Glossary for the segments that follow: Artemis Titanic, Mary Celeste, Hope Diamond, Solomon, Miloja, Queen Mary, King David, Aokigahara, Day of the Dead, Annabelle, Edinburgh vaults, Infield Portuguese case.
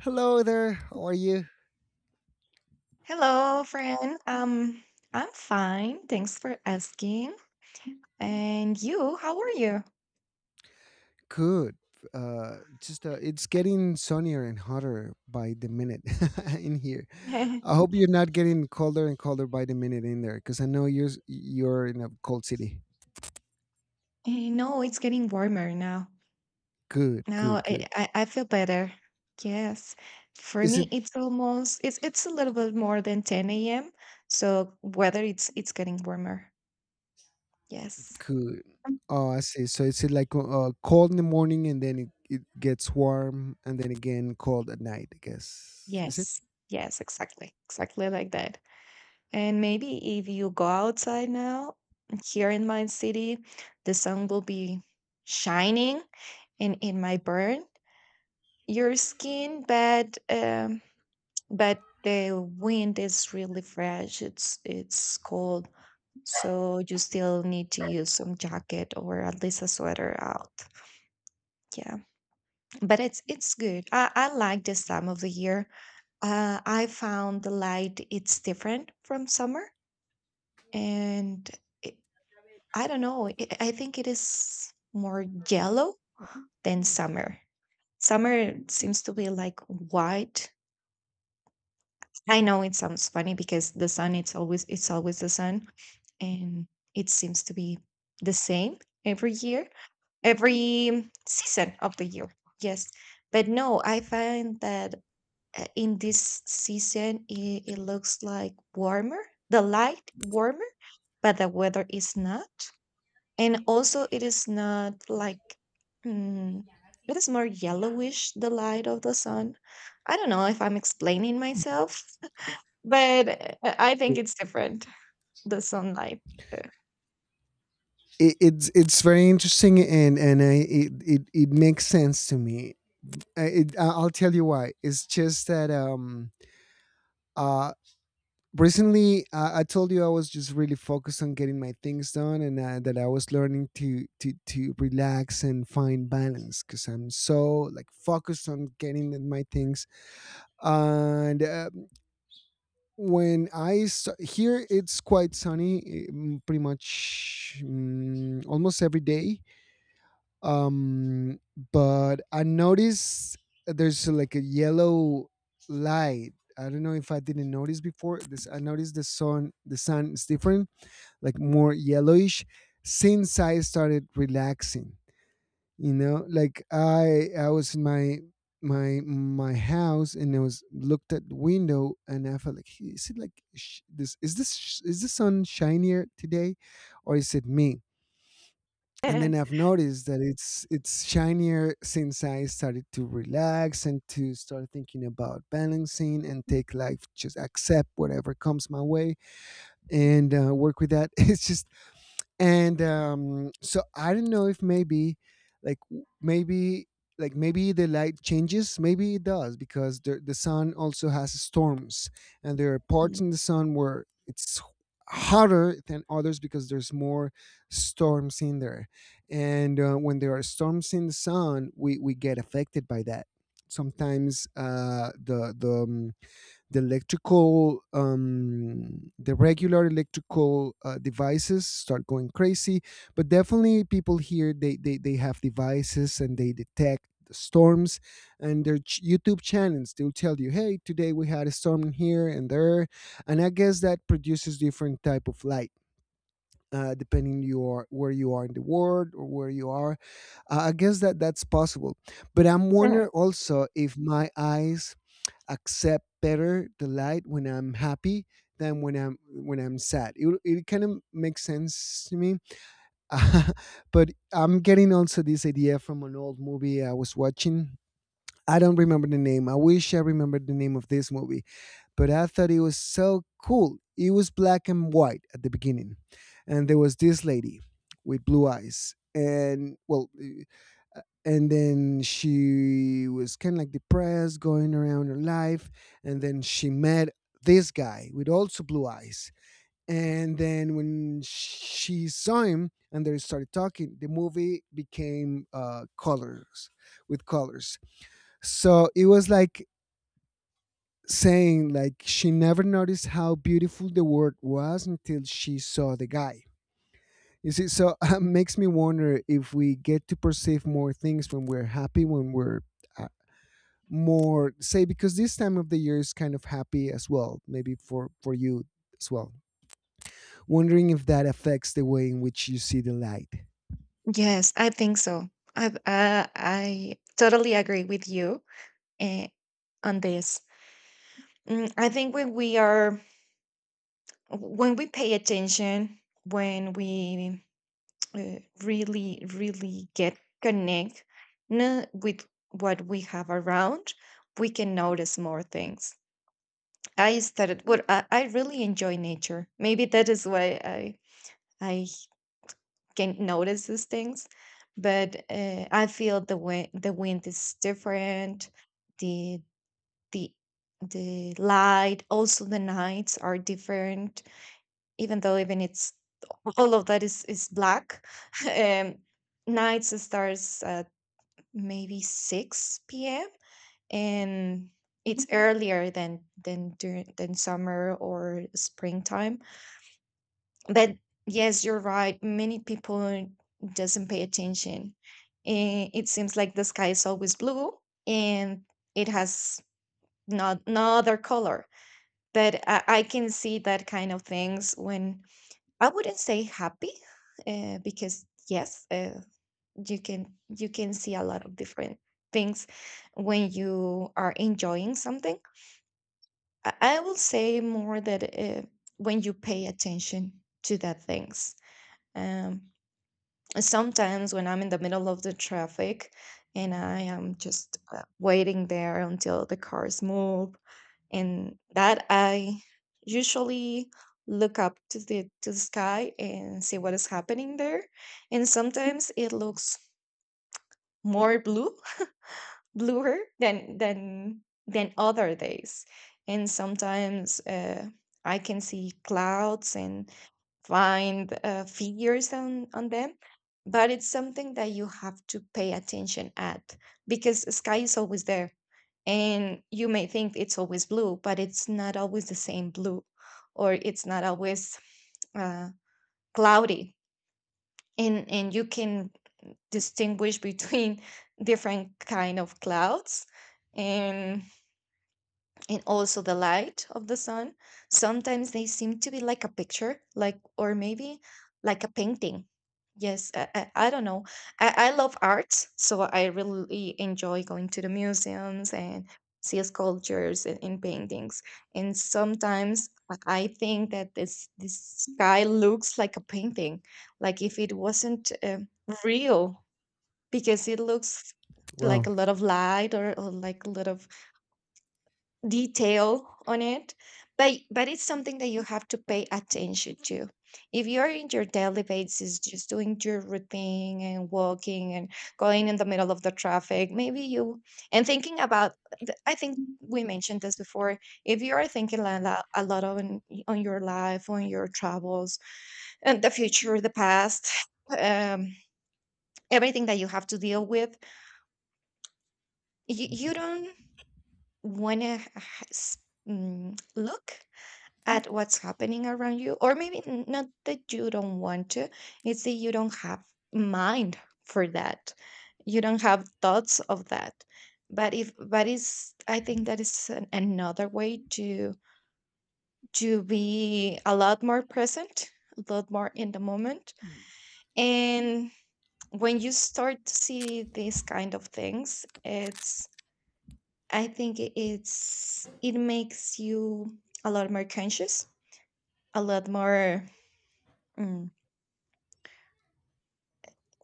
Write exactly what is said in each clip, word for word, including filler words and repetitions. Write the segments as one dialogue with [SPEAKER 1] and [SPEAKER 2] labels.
[SPEAKER 1] Hello there. How are you?
[SPEAKER 2] Hello, friend. Um, I'm fine. Thanks for asking. And you, how are you?
[SPEAKER 1] Good. Uh, just uh, it's getting sunnier and hotter by the minute in here. I hope you're not getting colder and colder by the minute in there, because I know you're you're in a cold city.
[SPEAKER 2] I know it's getting warmer now.
[SPEAKER 1] Good,
[SPEAKER 2] Now
[SPEAKER 1] good,
[SPEAKER 2] I,
[SPEAKER 1] good.
[SPEAKER 2] I, I feel better. Yes. For
[SPEAKER 1] Is
[SPEAKER 2] me,
[SPEAKER 1] it
[SPEAKER 2] it's almost, it's it's a little bit more than ten a m. So weather it's it's getting warmer. Yes.
[SPEAKER 1] good?
[SPEAKER 2] Mm.
[SPEAKER 1] Oh, I see. So is it like uh, cold in the morning and then it, it gets warm and then again cold at night? I guess, is it?
[SPEAKER 2] Yes. Yes, exactly. Exactly like that. And maybe if you go outside now, here in my city, the sun will be shining. In in my burn your skin, but um but the wind is really fresh, it's it's cold, so you still need to use some jacket or at least a sweater out, yeah. But it's it's good. i, I like this time of the year. uh, I found the light it's different from summer. And it, I don't know, it, I think it is more yellow than summer. Summer seems to be like white. I know it sounds funny because the sun it's always it's always the sun, and it seems to be the same every year, every season of the year. Yes. But no, I find that uh, in this season it, it looks like warmer, the light warmer, but the weather is not. And also it is not like, mm, it is more yellowish, the light of the sun. I don't know if I'm explaining myself, but eh, I think it's different, the sunlight. Uh
[SPEAKER 1] it, it's it's very interesting and and I, it, it it makes sense to me. I, it, I- I'll tell you why. It's just that um uh recently I, I told you I was just really focused on getting my things done, and uh, that I was learning to to to relax and find balance because I'm so like focused on getting in my things. And uh, when I st- here it's quite sunny eh, mm, pretty much mm, almost every day. um but I noticed there's like a yellow light. I don't know if I didn't notice before this. I noticed the sun, the sun is different, like more yellowish, since I started relaxing. You know, like I i was in my my my house and I was looked at the window and I felt like, "Hey, is it like sh- this is this sh- is the sun shinier today, or is it me?" And then I've noticed that it's it's shinier since I started to relax and to start thinking about balancing and take life, just accept whatever comes my way and uh, work with that. It's just. And um, so I don't know if maybe, like w- maybe like maybe the light changes. Maybe it does, because the the sun also has storms, and there are parts
[SPEAKER 2] hmm.
[SPEAKER 1] in the sun where it's hotter than others because there's more storms in there. And uh, when there are storms in the sun, we we get affected by that. Sometimes uh, the the um, the electrical, um, the regular electrical uh, devices start going crazy. But definitely people here, they, they they have devices and they detect the storms, and their ch- YouTube channels, they'll tell you, "Hey, today we had a storm in here and there." And I guess that produces different type of light, uh, depending you are where you are in the world or where you are. uh, I guess that that's possible. But I'm wondering also if my eyes accept better the light when I'm happy than when I'm when I'm sad. It, it kind of makes sense to me, but I'm getting also this idea from an old movie I was watching. I don't remember the name. I wish I remembered the name of this movie, but I thought it was so cool. It was black and white at the beginning, and there was this lady with blue eyes, and well, uh, and then she was kind of like depressed, going around her life, and then she met this guy with also blue eyes. And then when she saw him and they started talking, the movie became uh, colors with colors. So it was like saying like she never noticed how beautiful the world was until she saw the guy. You see, so it makes me wonder if we get to perceive more things when we're happy, when we're uh, more say, because this time of the year is kind of happy as well, maybe for for you as well. Wondering if that affects the way in which you see the light.
[SPEAKER 2] Yes, I think so. i uh, I totally agree with you, eh, on this. Mm, I think when we are, when we pay attention, when we, uh, really, really get connect, no, with what we have around, we can notice more things. I started what I I really enjoy nature. Maybe that is why I I can notice these things, but uh, I feel the wind, the wind is different, the the the light, also the nights are different, even though even it's all of that is is black. um Nights starts at maybe six p.m, and it's earlier than than during than summer or springtime. But yes, you're right. Many people doesn't pay attention. Eh, It seems like the sky is always blue and it has not no other color. But I, I can see that kind of things when I wouldn't say happy, uh, because yes, uh, you can you can see a lot of different things when you are enjoying something. I, I will say more that uh, when you pay attention to that things. Um, sometimes when I'm in the middle of the traffic and I am just uh, waiting there until the cars move, and that I usually look up to the to the sky and see what is happening there. And sometimes it looks more blue, bluer than than than other days, and sometimes uh, I can see clouds and find uh, figures on on them, but it's something that you have to pay attention at because the sky is always there and you may think it's always blue, but it's not always the same blue, or it's not always uh, cloudy, and and you can distinguish between different kind of clouds, and and also the light of the sun sometimes they seem to be like a picture, like, or maybe like a painting. Yes, i, I, I don't know. I, I love art, so I really enjoy going to the museums and see sculptures, and, and paintings, and sometimes i I think that this this sky looks like a painting, like if it wasn't um, real, because it looks like
[SPEAKER 1] Wow.
[SPEAKER 2] a lot of light, or, or like a lot of detail on it, but but it's something that you have to pay attention to. If you're in your daily basis just doing your routine and walking and going in the middle of the traffic, maybe you, and thinking about, th- I think we mentioned this before, if you are thinking a lot, a lot on on your life, on your travels, and the future, the past, um everything that you have to deal with, you, you don't wanna h- h- s- mm, look at what's happening around you, or maybe n- not that you don't want to, it's that you don't have mind for that, you don't have thoughts of that. But if, but is, I think that is an, another way to to be a lot more present, a lot more in the moment. And when you start to see these kind of things, it's, I think, i- it's, it makes you a lot more conscious, a lot more. mm,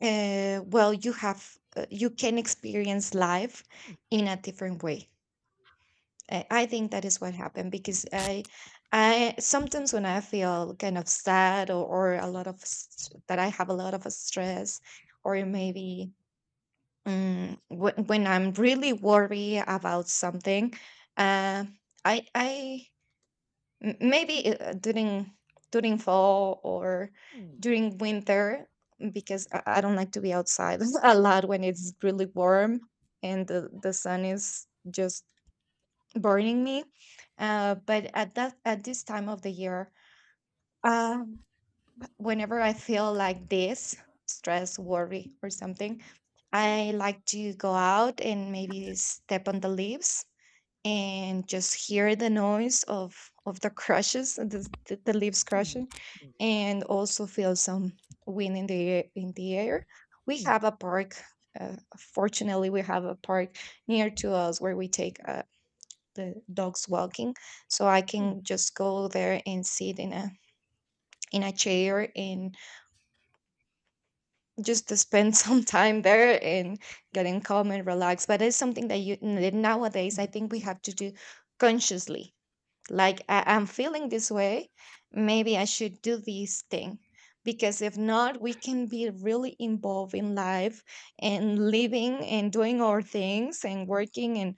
[SPEAKER 2] uh, well, you have, uh, you can experience life in a different way. I, I think that is what happened because I, I sometimes when I feel kind of sad, or, or a lot of s- that I have a lot of stress, or maybe, mm, when when I'm really worried about something, uh, I I M- maybe uh, during during fall or during winter, mm, because I, I don't like to be outside a lot when it's really warm and the, the sun is just burning me. Uh, but at that, at this time of the year, uh, whenever I feel like this, stress, worry, or something, I like to go out and maybe step on the leaves and just hear the noise of of the crushes, the, the, the leaves crushing, and also feel some wind in the air- in the air. We have a park, uh, fortunately we have a park near to us where we take uh, the dogs walking, so I can just go there and sit in a, in a chair, and just to spend some time there and getting calm and relaxed, but it's something that you, nowadays I think we have to do consciously. Like, I- I'm feeling this way. Maybe I should do this thing. Because if not, we can be really involved in life and living and doing our things and working and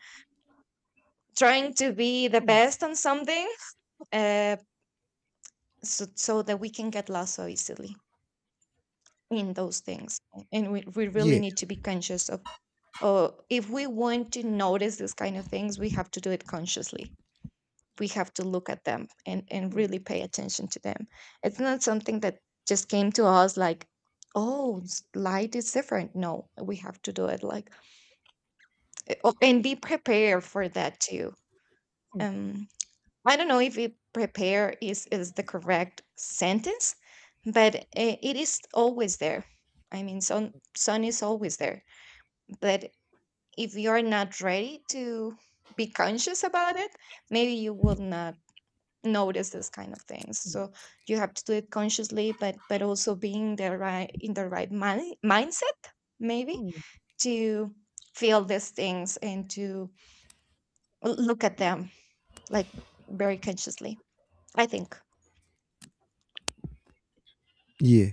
[SPEAKER 2] trying to be the best on something, uh, so, so that we can get lost so easily in those things. And we, we really
[SPEAKER 1] Yeah.
[SPEAKER 2] need to be conscious of, oh, if we want to notice these kind of things, we have to do it consciously, we have to look at them and, and really pay attention to them. It's not something that just came to us, like, oh, s- light is different. No, we have to do it like, eh, oh, and be prepared for that too. Um, I don't know if it prepare is, is the correct sentence, but eh, it is always there. I mean, sun, sun is always there. But if you're not ready to be conscious about it, maybe you will not notice this kind of things, so you have to do it consciously, but but also being the right in the right mind, mindset, maybe, to feel these things and to l- look at them, like, very consciously, I think.
[SPEAKER 1] Yeah.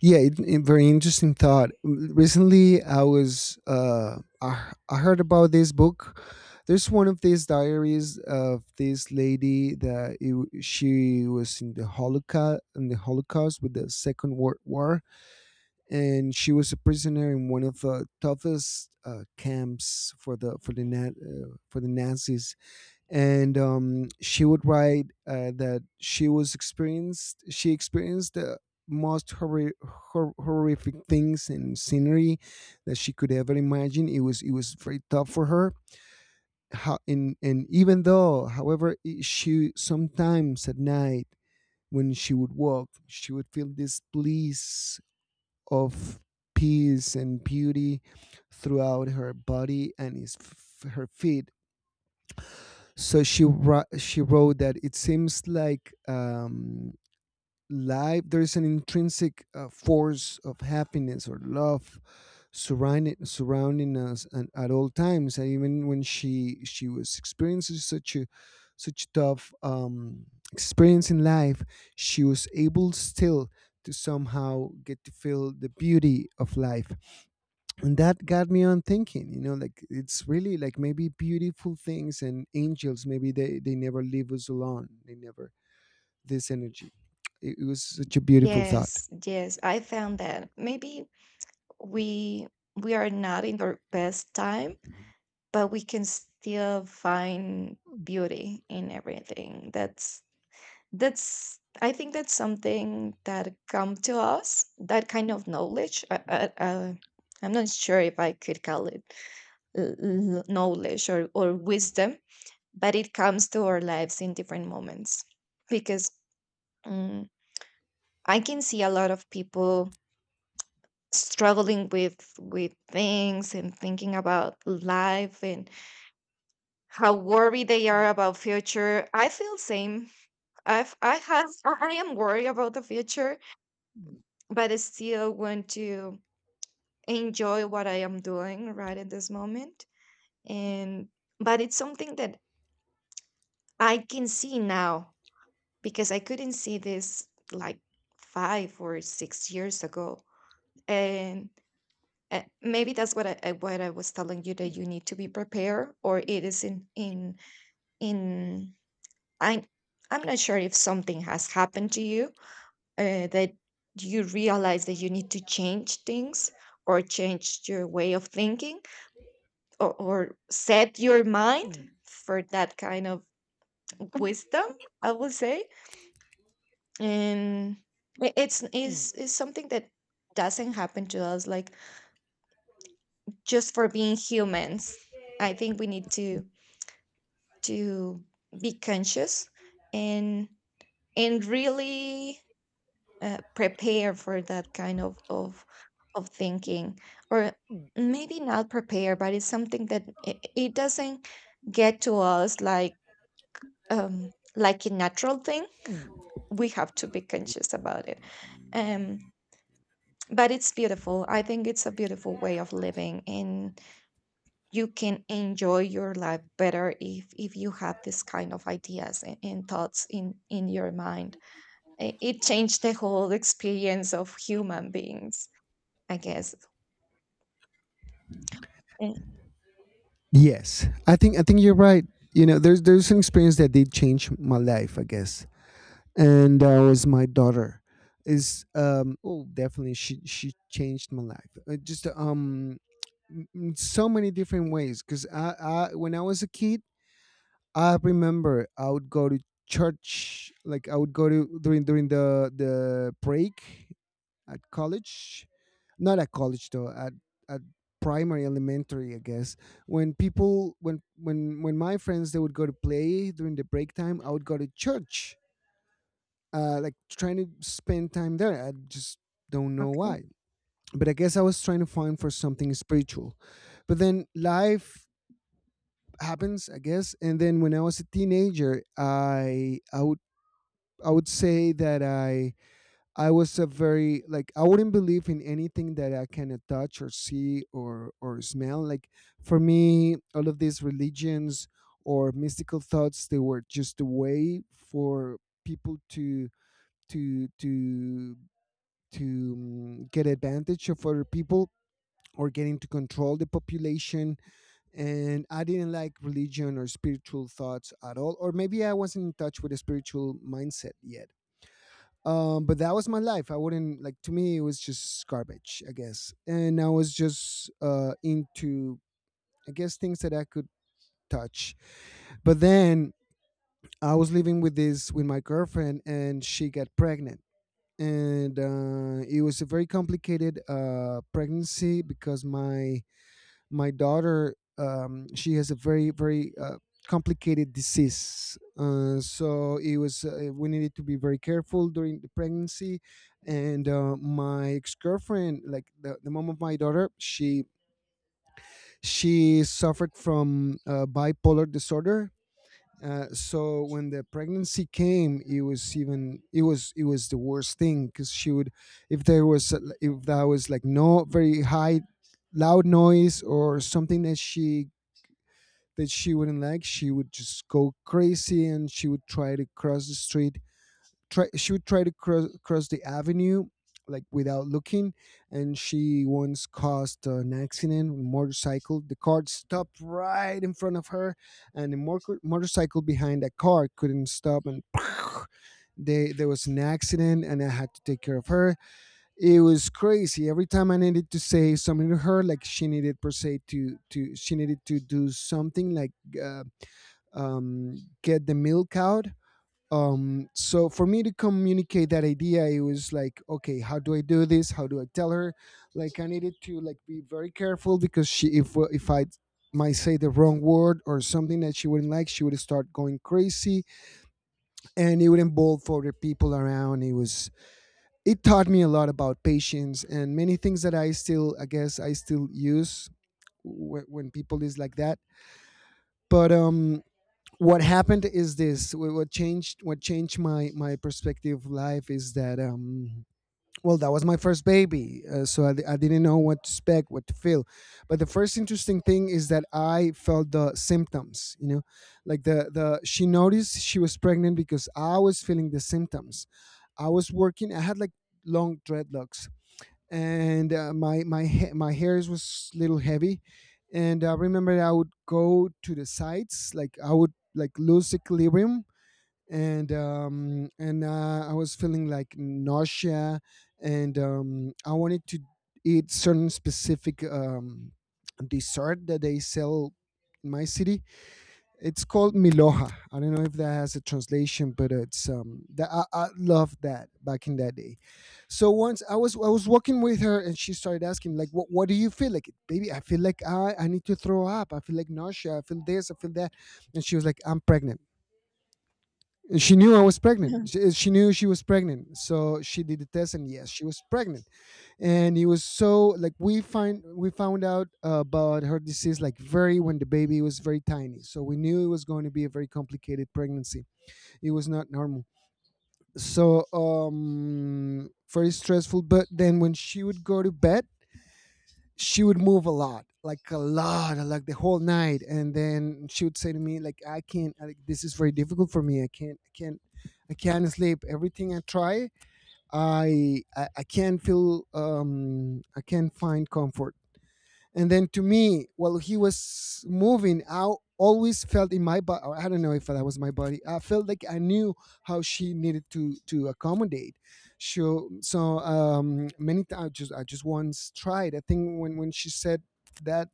[SPEAKER 1] Yeah, it, it- very interesting thought. Recently, I was uh, I, I heard about this book. There's one of these diaries of this lady that it, w- she was in the Holocaust, in the Holocaust with the Second World War, and she was a prisoner in one of the toughest uh, camps for the for the Na- uh, for the Nazis. And um, she would write uh, that she was experienced she experienced the most horri- hor- horrific things and scenery that she could ever imagine. It was, it was very tough for her how. and, and even though, however, i- she sometimes at night, when she would walk, she would feel this bliss of peace and beauty throughout her body and his, f- her feet. So she wr- she wrote that it seems like, um, life there is an intrinsic uh, force of happiness or love surrounding surrounding us and at all times. And even when she she was experiencing such a such tough um, experience in life, she was able still to somehow get to feel the beauty of life. And that got me on thinking, you know, like it's really like maybe beautiful things and angels, maybe they they never leave us alone, they never. This energy, it, it was such a beautiful thought.
[SPEAKER 2] Yes, yes, I found that maybe we we are not in our best time, but we can still find beauty in everything that's that's I think that's something that come to us, that kind of knowledge, uh, uh, uh, I'm not sure if I could call it l- l- knowledge or, or wisdom, but it comes to our lives in different moments, because, um, I can see a lot of people struggling with with things and thinking about life, and how worried they are about future. I feel same. I've i have i I am worried about the future, but I still want to enjoy what I am doing right at this moment. And, but it's something that I can see now because I couldn't see this like five or six years ago. And uh, maybe that's what I I- what I was telling you, that you need to be prepared, or it is in in in I. I'm not sure if something has happened to you, uh, that you realize that you need to change things, or change your way of thinking, or, or set your mind for that kind of wisdom, I would say. And I- it's is is something that doesn't happen to us like just for being humans. I think we need to to be conscious and and really, uh, prepare for that kind of of of thinking, or maybe not prepare, but it's something that it, it doesn't get to us like, um, like a natural thing. We have to be conscious about it. Um, but it's beautiful. I think it's a beautiful way of living, and you can enjoy your life better if if you have this kind of ideas and, and thoughts in in your mind. I- It changed the whole experience of human beings, I guess. Eh,
[SPEAKER 1] Yes, I think, i think you're right. You know, there's there's an experience that did change my life, I guess, and that was my daughter is um oh, definitely, she she changed my life. Uh, just um in so many different ways. Because I, I when I was a kid, I remember I would go to church, like I would go to during during the the break at college, not at college though, at at primary elementary, I guess. When people, when when when my friends, they would go to play during the break time, I would go to church, uh, like trying to spend time there. I just don't know why, but I guess I was trying to find for something spiritual. But then life happens, I guess. And then when I was a teenager, I I would, I would say that I I was a very like, I wouldn't believe in anything that I can uh, touch or see or or smell. Like, for me, all of these religions or mystical thoughts, they were just a way for people to to to to mm, get advantage of other people, or get into control the population. And I didn't like religion or spiritual thoughts at all, or maybe I wasn't in touch with a spiritual mindset yet. Um, but that was my life. I wouldn't like, to me it was just garbage, I guess, and I was just uh, into, I guess, things that I could touch. But then I was living with this with my girlfriend, and she got pregnant. And uh, it was a very complicated uh, pregnancy, because my my daughter, um, she has a very very uh, complicated disease. Uh, so it was, uh, we needed to be very careful during the pregnancy. And uh, my ex-girlfriend, like the, the mom of my daughter, she she suffered from uh, bipolar disorder. Uh, so when the pregnancy came, it was even, it was it was the worst thing, because she would, if there was uh, if there was like no very high loud noise or something that she, that she wouldn't like, she would just go crazy and she would try to cross the street. Try, she would try to cross, cross the avenue, like without looking. And she once caused an accident with a motorcycle. The car stopped right in front of her, and the mor- motorcycle behind that car couldn't stop, and they, there was an accident. And I had to take care of her. It was crazy. Every time I needed to say something to her, like she needed per se to, to she needed to do something, like uh, um get the milk out. Um so for me to communicate that idea, it was like, okay, how do I do this, how do I tell her? Like, I needed to like be very careful, because she, if if I might say the wrong word or something that she wouldn't like, she would start going crazy, and it would involve other people around. It was, it taught me a lot about patience and many things that I still, I guess, I still use w- when people is like that. But um, what happened is this: wh- what changed, what changed my my perspective of life is that, um, well, that was my first baby. Uh, so I, I didn't know what to expect, what to feel. But the first interesting thing is that I felt the symptoms. You know, like the the she noticed she was pregnant because I was feeling the symptoms. I was working. I had like long dreadlocks, and uh, my my ha- my hairs was little heavy. And I remember I would go to the sides, like I would like lose equilibrium. And um and uh, I was feeling like nausea, and um I wanted to eat certain specific um dessert that they sell in my city. It's called Miloja. I don't know if that has a translation, but it's um that I, I love that back in that day. So once I was I was walking with her and she started asking, like, what what do you feel like? Baby, I feel like I I need to throw up. I feel like nausea, I feel this, I feel that. And she was like, I'm pregnant. And she knew I was pregnant.
[SPEAKER 2] mhm.
[SPEAKER 1] She, she knew she was pregnant, so she did the test, and yes, she was pregnant. And it was, so like, we find we found out about her disease, like very, when the baby was very tiny, so we knew it was going to be a very complicated pregnancy. It was not normal. So um very stressful. But then when she would go to bed, she would move a lot, like a lot, like the whole night. And then she would say to me, like, I can't, like, this is very difficult for me. I can't i can't. I can't sleep, everything I try. I I, I can't feel, um I can't find comfort. And then to me, while he was moving, I always felt in my body, I don't know if that was my body, I felt like I knew how she needed to to accommodate. So, so um, many times, I just, I just once tried. I think when, when she said that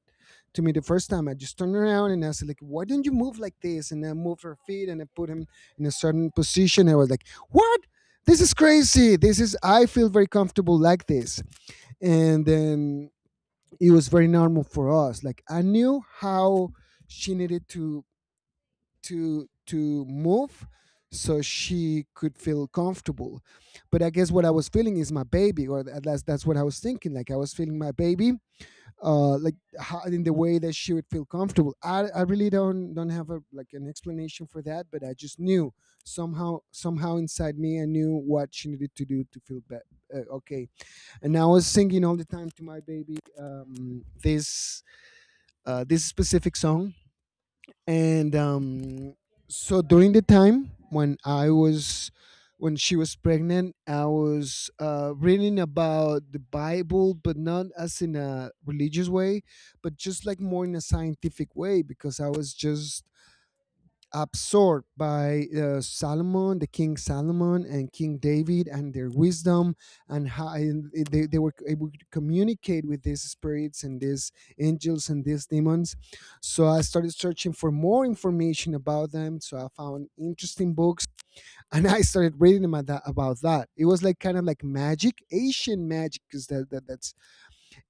[SPEAKER 1] to me the first time, I just turned around and I said, like, why don't you move like this? And I moved her feet and I put him in a certain position. I was like, what? This is crazy. This is, I feel very comfortable like this. And then it was very normal for us. Like I knew how she needed to to to move so she could feel comfortable. But I guess what I was feeling is my baby, or at least that's what I was thinking. Like I was feeling my baby, uh, like how, in the way that she would feel comfortable. I, I really don't don't have a, like, an explanation for that, but I just knew, somehow somehow inside me I knew what she needed to do to feel be- uh, okay. And I was singing all the time to my baby, um, this, uh, this specific song. And um, So during the time when I was, when she was pregnant, I was uh, reading about the Bible, but not as in a religious way, but just like more in a scientific way, because I was just absorbed by uh, Solomon, the King Solomon and King David, and their wisdom, and how, and they, they were able to communicate with these spirits and these angels and these demons. So I started searching for more information about them. So I found interesting books, and I started reading about that. About that. It was like kind of like magic, Asian magic, because that, that that's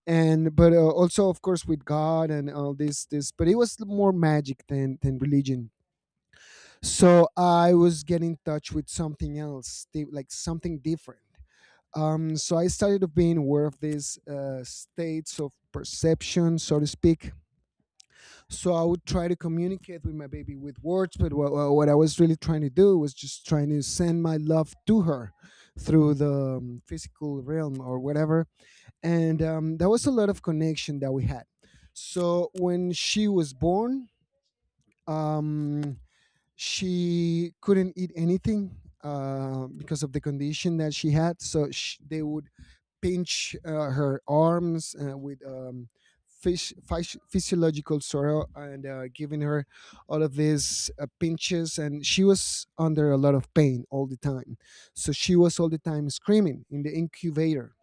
[SPEAKER 1] and but uh, also, of course, with God and all this this. But it was more magic than than religion. So I was getting in touch with something else, di- like something different. Um, so I started to being aware of these, uh, states of perception, so to speak. So I would try to communicate with my baby with words, but what, what I was really trying to do was just trying to send my love to her through the, um, physical realm, or whatever. And um, There was a lot of connection that we had. So when she was born, um, she couldn't eat anything, uh, because of the condition that she had. So sh they would pinch, uh, her arms, uh, with, um, phys- phys- physiological sorrow, and uh, giving her all of these, uh, pinches. And she was under a lot of pain all the time. So she was all the time screaming in the incubator.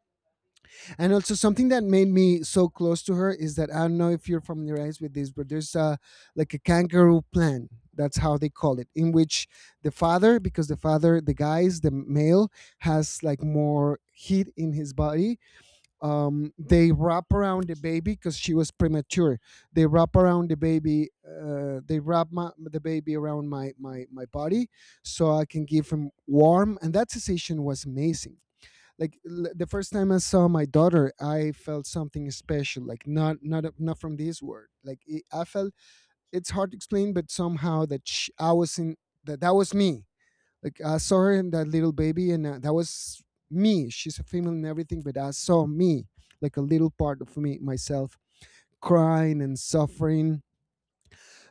[SPEAKER 1] And also something that made me so close to her is that, I don't know if you're familiarized with this, but there's a, like a kangaroo plan. That's how they call it, in which the father, because the father, the guys, the male, has like more heat in his body. Um, they wrap around the baby, because she was premature. They wrap around the baby. Uh, they wrap my, the baby around my my my body so I can give him warm. And that sensation was amazing. Like, l- the first time I saw my daughter, I felt something special, like, not not not from this world, like it, I felt, it's hard to explain, but somehow that sh I was in, that that was me. Like I saw her and that little baby, and uh, that was me. She's a female and everything, but I saw me, like a little part of me, myself, crying and suffering.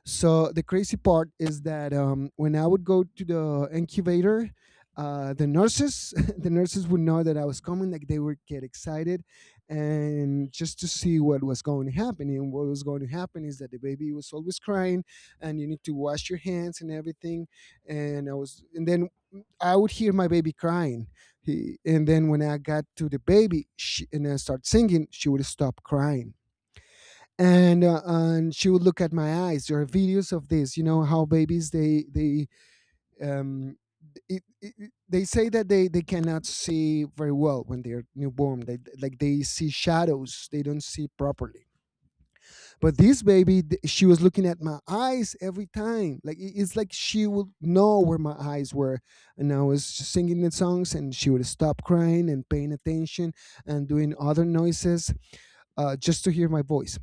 [SPEAKER 1] So the crazy part is that, um, when I would go to the incubator, uh, the nurses, the nurses would know that I was coming. Like, they would get excited, and just to see what was going to happen. And what was going to happen is that the baby was always crying, and you need to wash your hands and everything. And I was, and then I would hear my baby crying. He, and then when I got to the baby, she, and I start singing, she would stop crying, and uh, and she would look at my eyes. There are videos of this. You know how babies, they they um it, it, they say that they they cannot see very well when they're newborn. They, like, they see shadows, they don't see properly. But this baby, th- she was looking at my eyes every time. Like, it- it's like she would know where my eyes were. And I was singing the songs and she would stop crying and paying attention, and doing other noises, uh, just to hear my voice.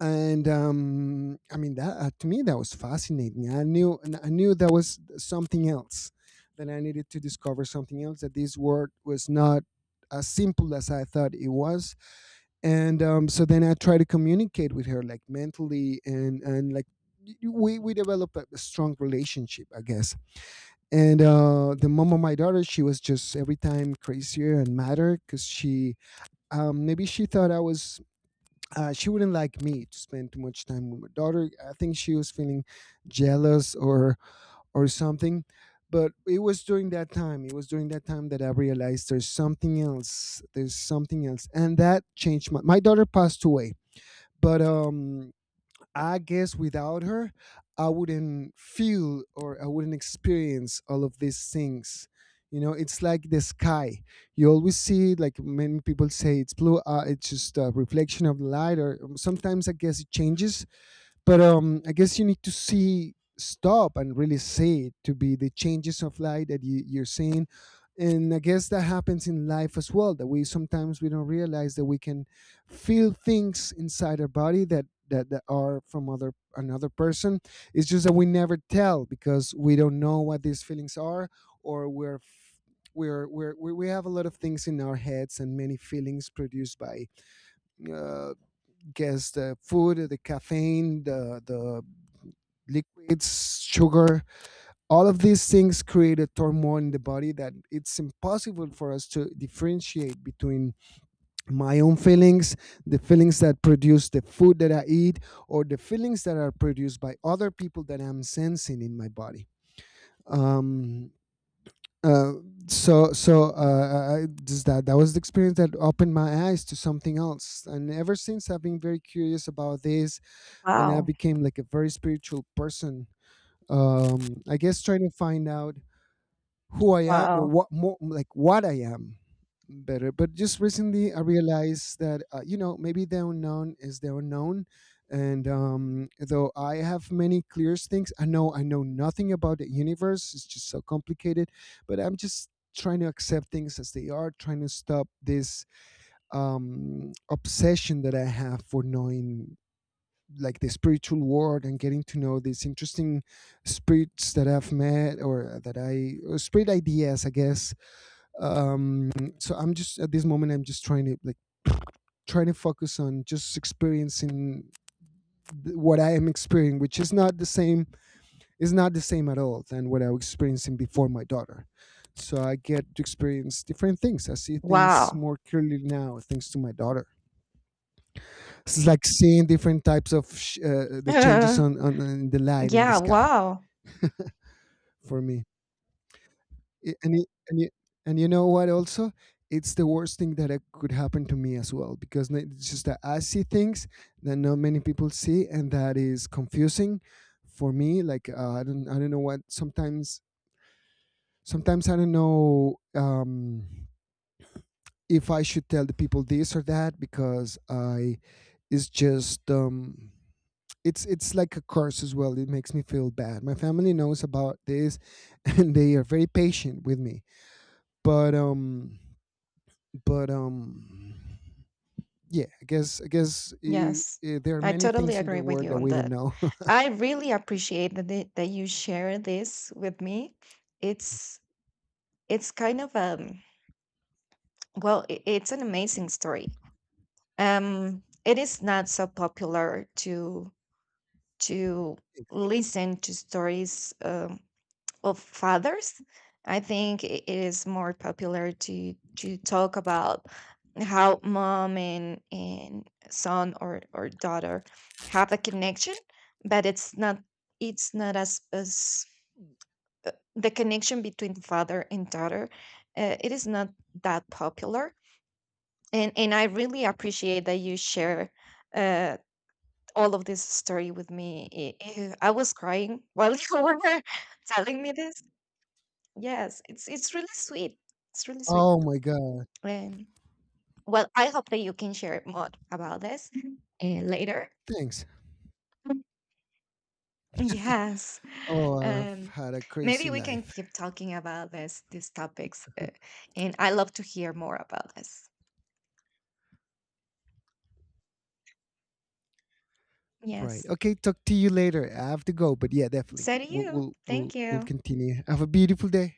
[SPEAKER 1] And um, I mean that, uh, to me that was fascinating. I knew I knew there was something else that I needed to discover, something else, that this word was not as simple as I thought it was. And um, So then I try to communicate with her, like, mentally, and and like, y- y- we we develop a a strong relationship, I guess. And uh, the mom of my daughter, she was just every time crazier and madder, because she, um, maybe she thought I was, uh, she wouldn't like me to spend too much time with my daughter. I think she was feeling jealous, or or something. But it was during that time. It was during that time that I realized, there's something else. There's something else, and that changed my. My daughter passed away, but um, I guess without her, I wouldn't feel, or I wouldn't experience all of these things. You know, it's like the sky. You always see, it, like many people say, it's blue. Uh, it's just a reflection of the light. Or um, sometimes I guess it changes, but um I guess you need to see, stop and really see it, to be the changes of light that you, you're seeing. And I guess that happens in life as well, that we sometimes we don't realize that we can feel things inside our body, that that, that are from other, another person. It's just that we never tell, because we don't know what these feelings are. Or we're, we're, we're we we have a lot of things in our heads, and many feelings produced by, uh, guess, the food, the caffeine, the the liquids, sugar. All of these things create a turmoil in the body that it's impossible for us to differentiate between my own feelings, the feelings that produce the food that I eat, or the feelings that are produced by other people that I'm sensing in my body. Um, uh, so so uh, I, just that, that was the experience that opened my eyes to something else. And ever since I've been very curious about this, and I
[SPEAKER 2] Wow!
[SPEAKER 1] became like a very spiritual person. um, I guess trying to find out who I am, or
[SPEAKER 2] Wow!
[SPEAKER 1] what, more like what I am better. But just recently, I realized that, uh, you know, maybe the unknown is the unknown. And um, Though I have many clear things, I know I know nothing about the universe. It's just so complicated. But I'm just trying to accept things as they are, trying to stop this, um obsession that I have for knowing, like, the spiritual world, and getting to know these interesting spirits that I've met, or that I, or spirit ideas, I guess. Um, so I'm just at this moment, I'm just trying to, like, trying to focus on just experiencing, th- what I am experiencing, which is not the same, is not the same at all than what I was experiencing before my daughter. So I get to experience different things. I see things
[SPEAKER 2] Wow!
[SPEAKER 1] more clearly now, thanks to my daughter. It's like seeing different types of sh- uh, the changes on, on, on the light in the
[SPEAKER 2] Yeah!
[SPEAKER 1] sky.
[SPEAKER 2] Wow!
[SPEAKER 1] For me. I- And y- and you and you know what? Also, it's the worst thing that it could happen to me as well, because, n- it's just that I see things that not many people see, and that is confusing for me. Like, uh, I don't I don't know what, sometimes, sometimes I don't know, um, if I should tell the people this or that, because I, it's just. Um, it's it's like a curse as well. It makes me feel bad. My family knows about this, and they are very patient with me, but um but um yeah, I guess I guess I
[SPEAKER 2] Yes,
[SPEAKER 1] I there are
[SPEAKER 2] I
[SPEAKER 1] many
[SPEAKER 2] totally
[SPEAKER 1] things in the
[SPEAKER 2] agree with
[SPEAKER 1] world
[SPEAKER 2] you
[SPEAKER 1] that
[SPEAKER 2] on
[SPEAKER 1] we don't
[SPEAKER 2] that.
[SPEAKER 1] know.
[SPEAKER 2] I really appreciate that they, that you share this with me. It's it's kind of, um well, I- it's an amazing story. Um, it is not so popular to to listen to stories um, of fathers. I think I- it is more popular to to talk about how mom and and son or or daughter have a connection, but it's not, it's not as as the connection between father and daughter, uh, it is not that popular. and and I really appreciate that you share uh, all of this story with me. I, I I was crying while you were telling me this. Yes, it's it's really sweet, it's really sweet.
[SPEAKER 1] Oh my God.
[SPEAKER 2] And well, I hope that you can share more about this, uh, later.
[SPEAKER 1] Thanks.
[SPEAKER 2] Yes.
[SPEAKER 1] Oh, I've
[SPEAKER 2] um
[SPEAKER 1] had a crazy
[SPEAKER 2] Maybe we can
[SPEAKER 1] life.
[SPEAKER 2] keep talking about this these topics, uh, and I love to hear more about this.
[SPEAKER 1] Right,
[SPEAKER 2] Yes.
[SPEAKER 1] okay, talk to you later, I have to go, but yeah, definitely
[SPEAKER 2] So do
[SPEAKER 1] we'll
[SPEAKER 2] you.
[SPEAKER 1] we'll we'll,
[SPEAKER 2] Thank
[SPEAKER 1] we'll
[SPEAKER 2] you.
[SPEAKER 1] continue. Have a beautiful day.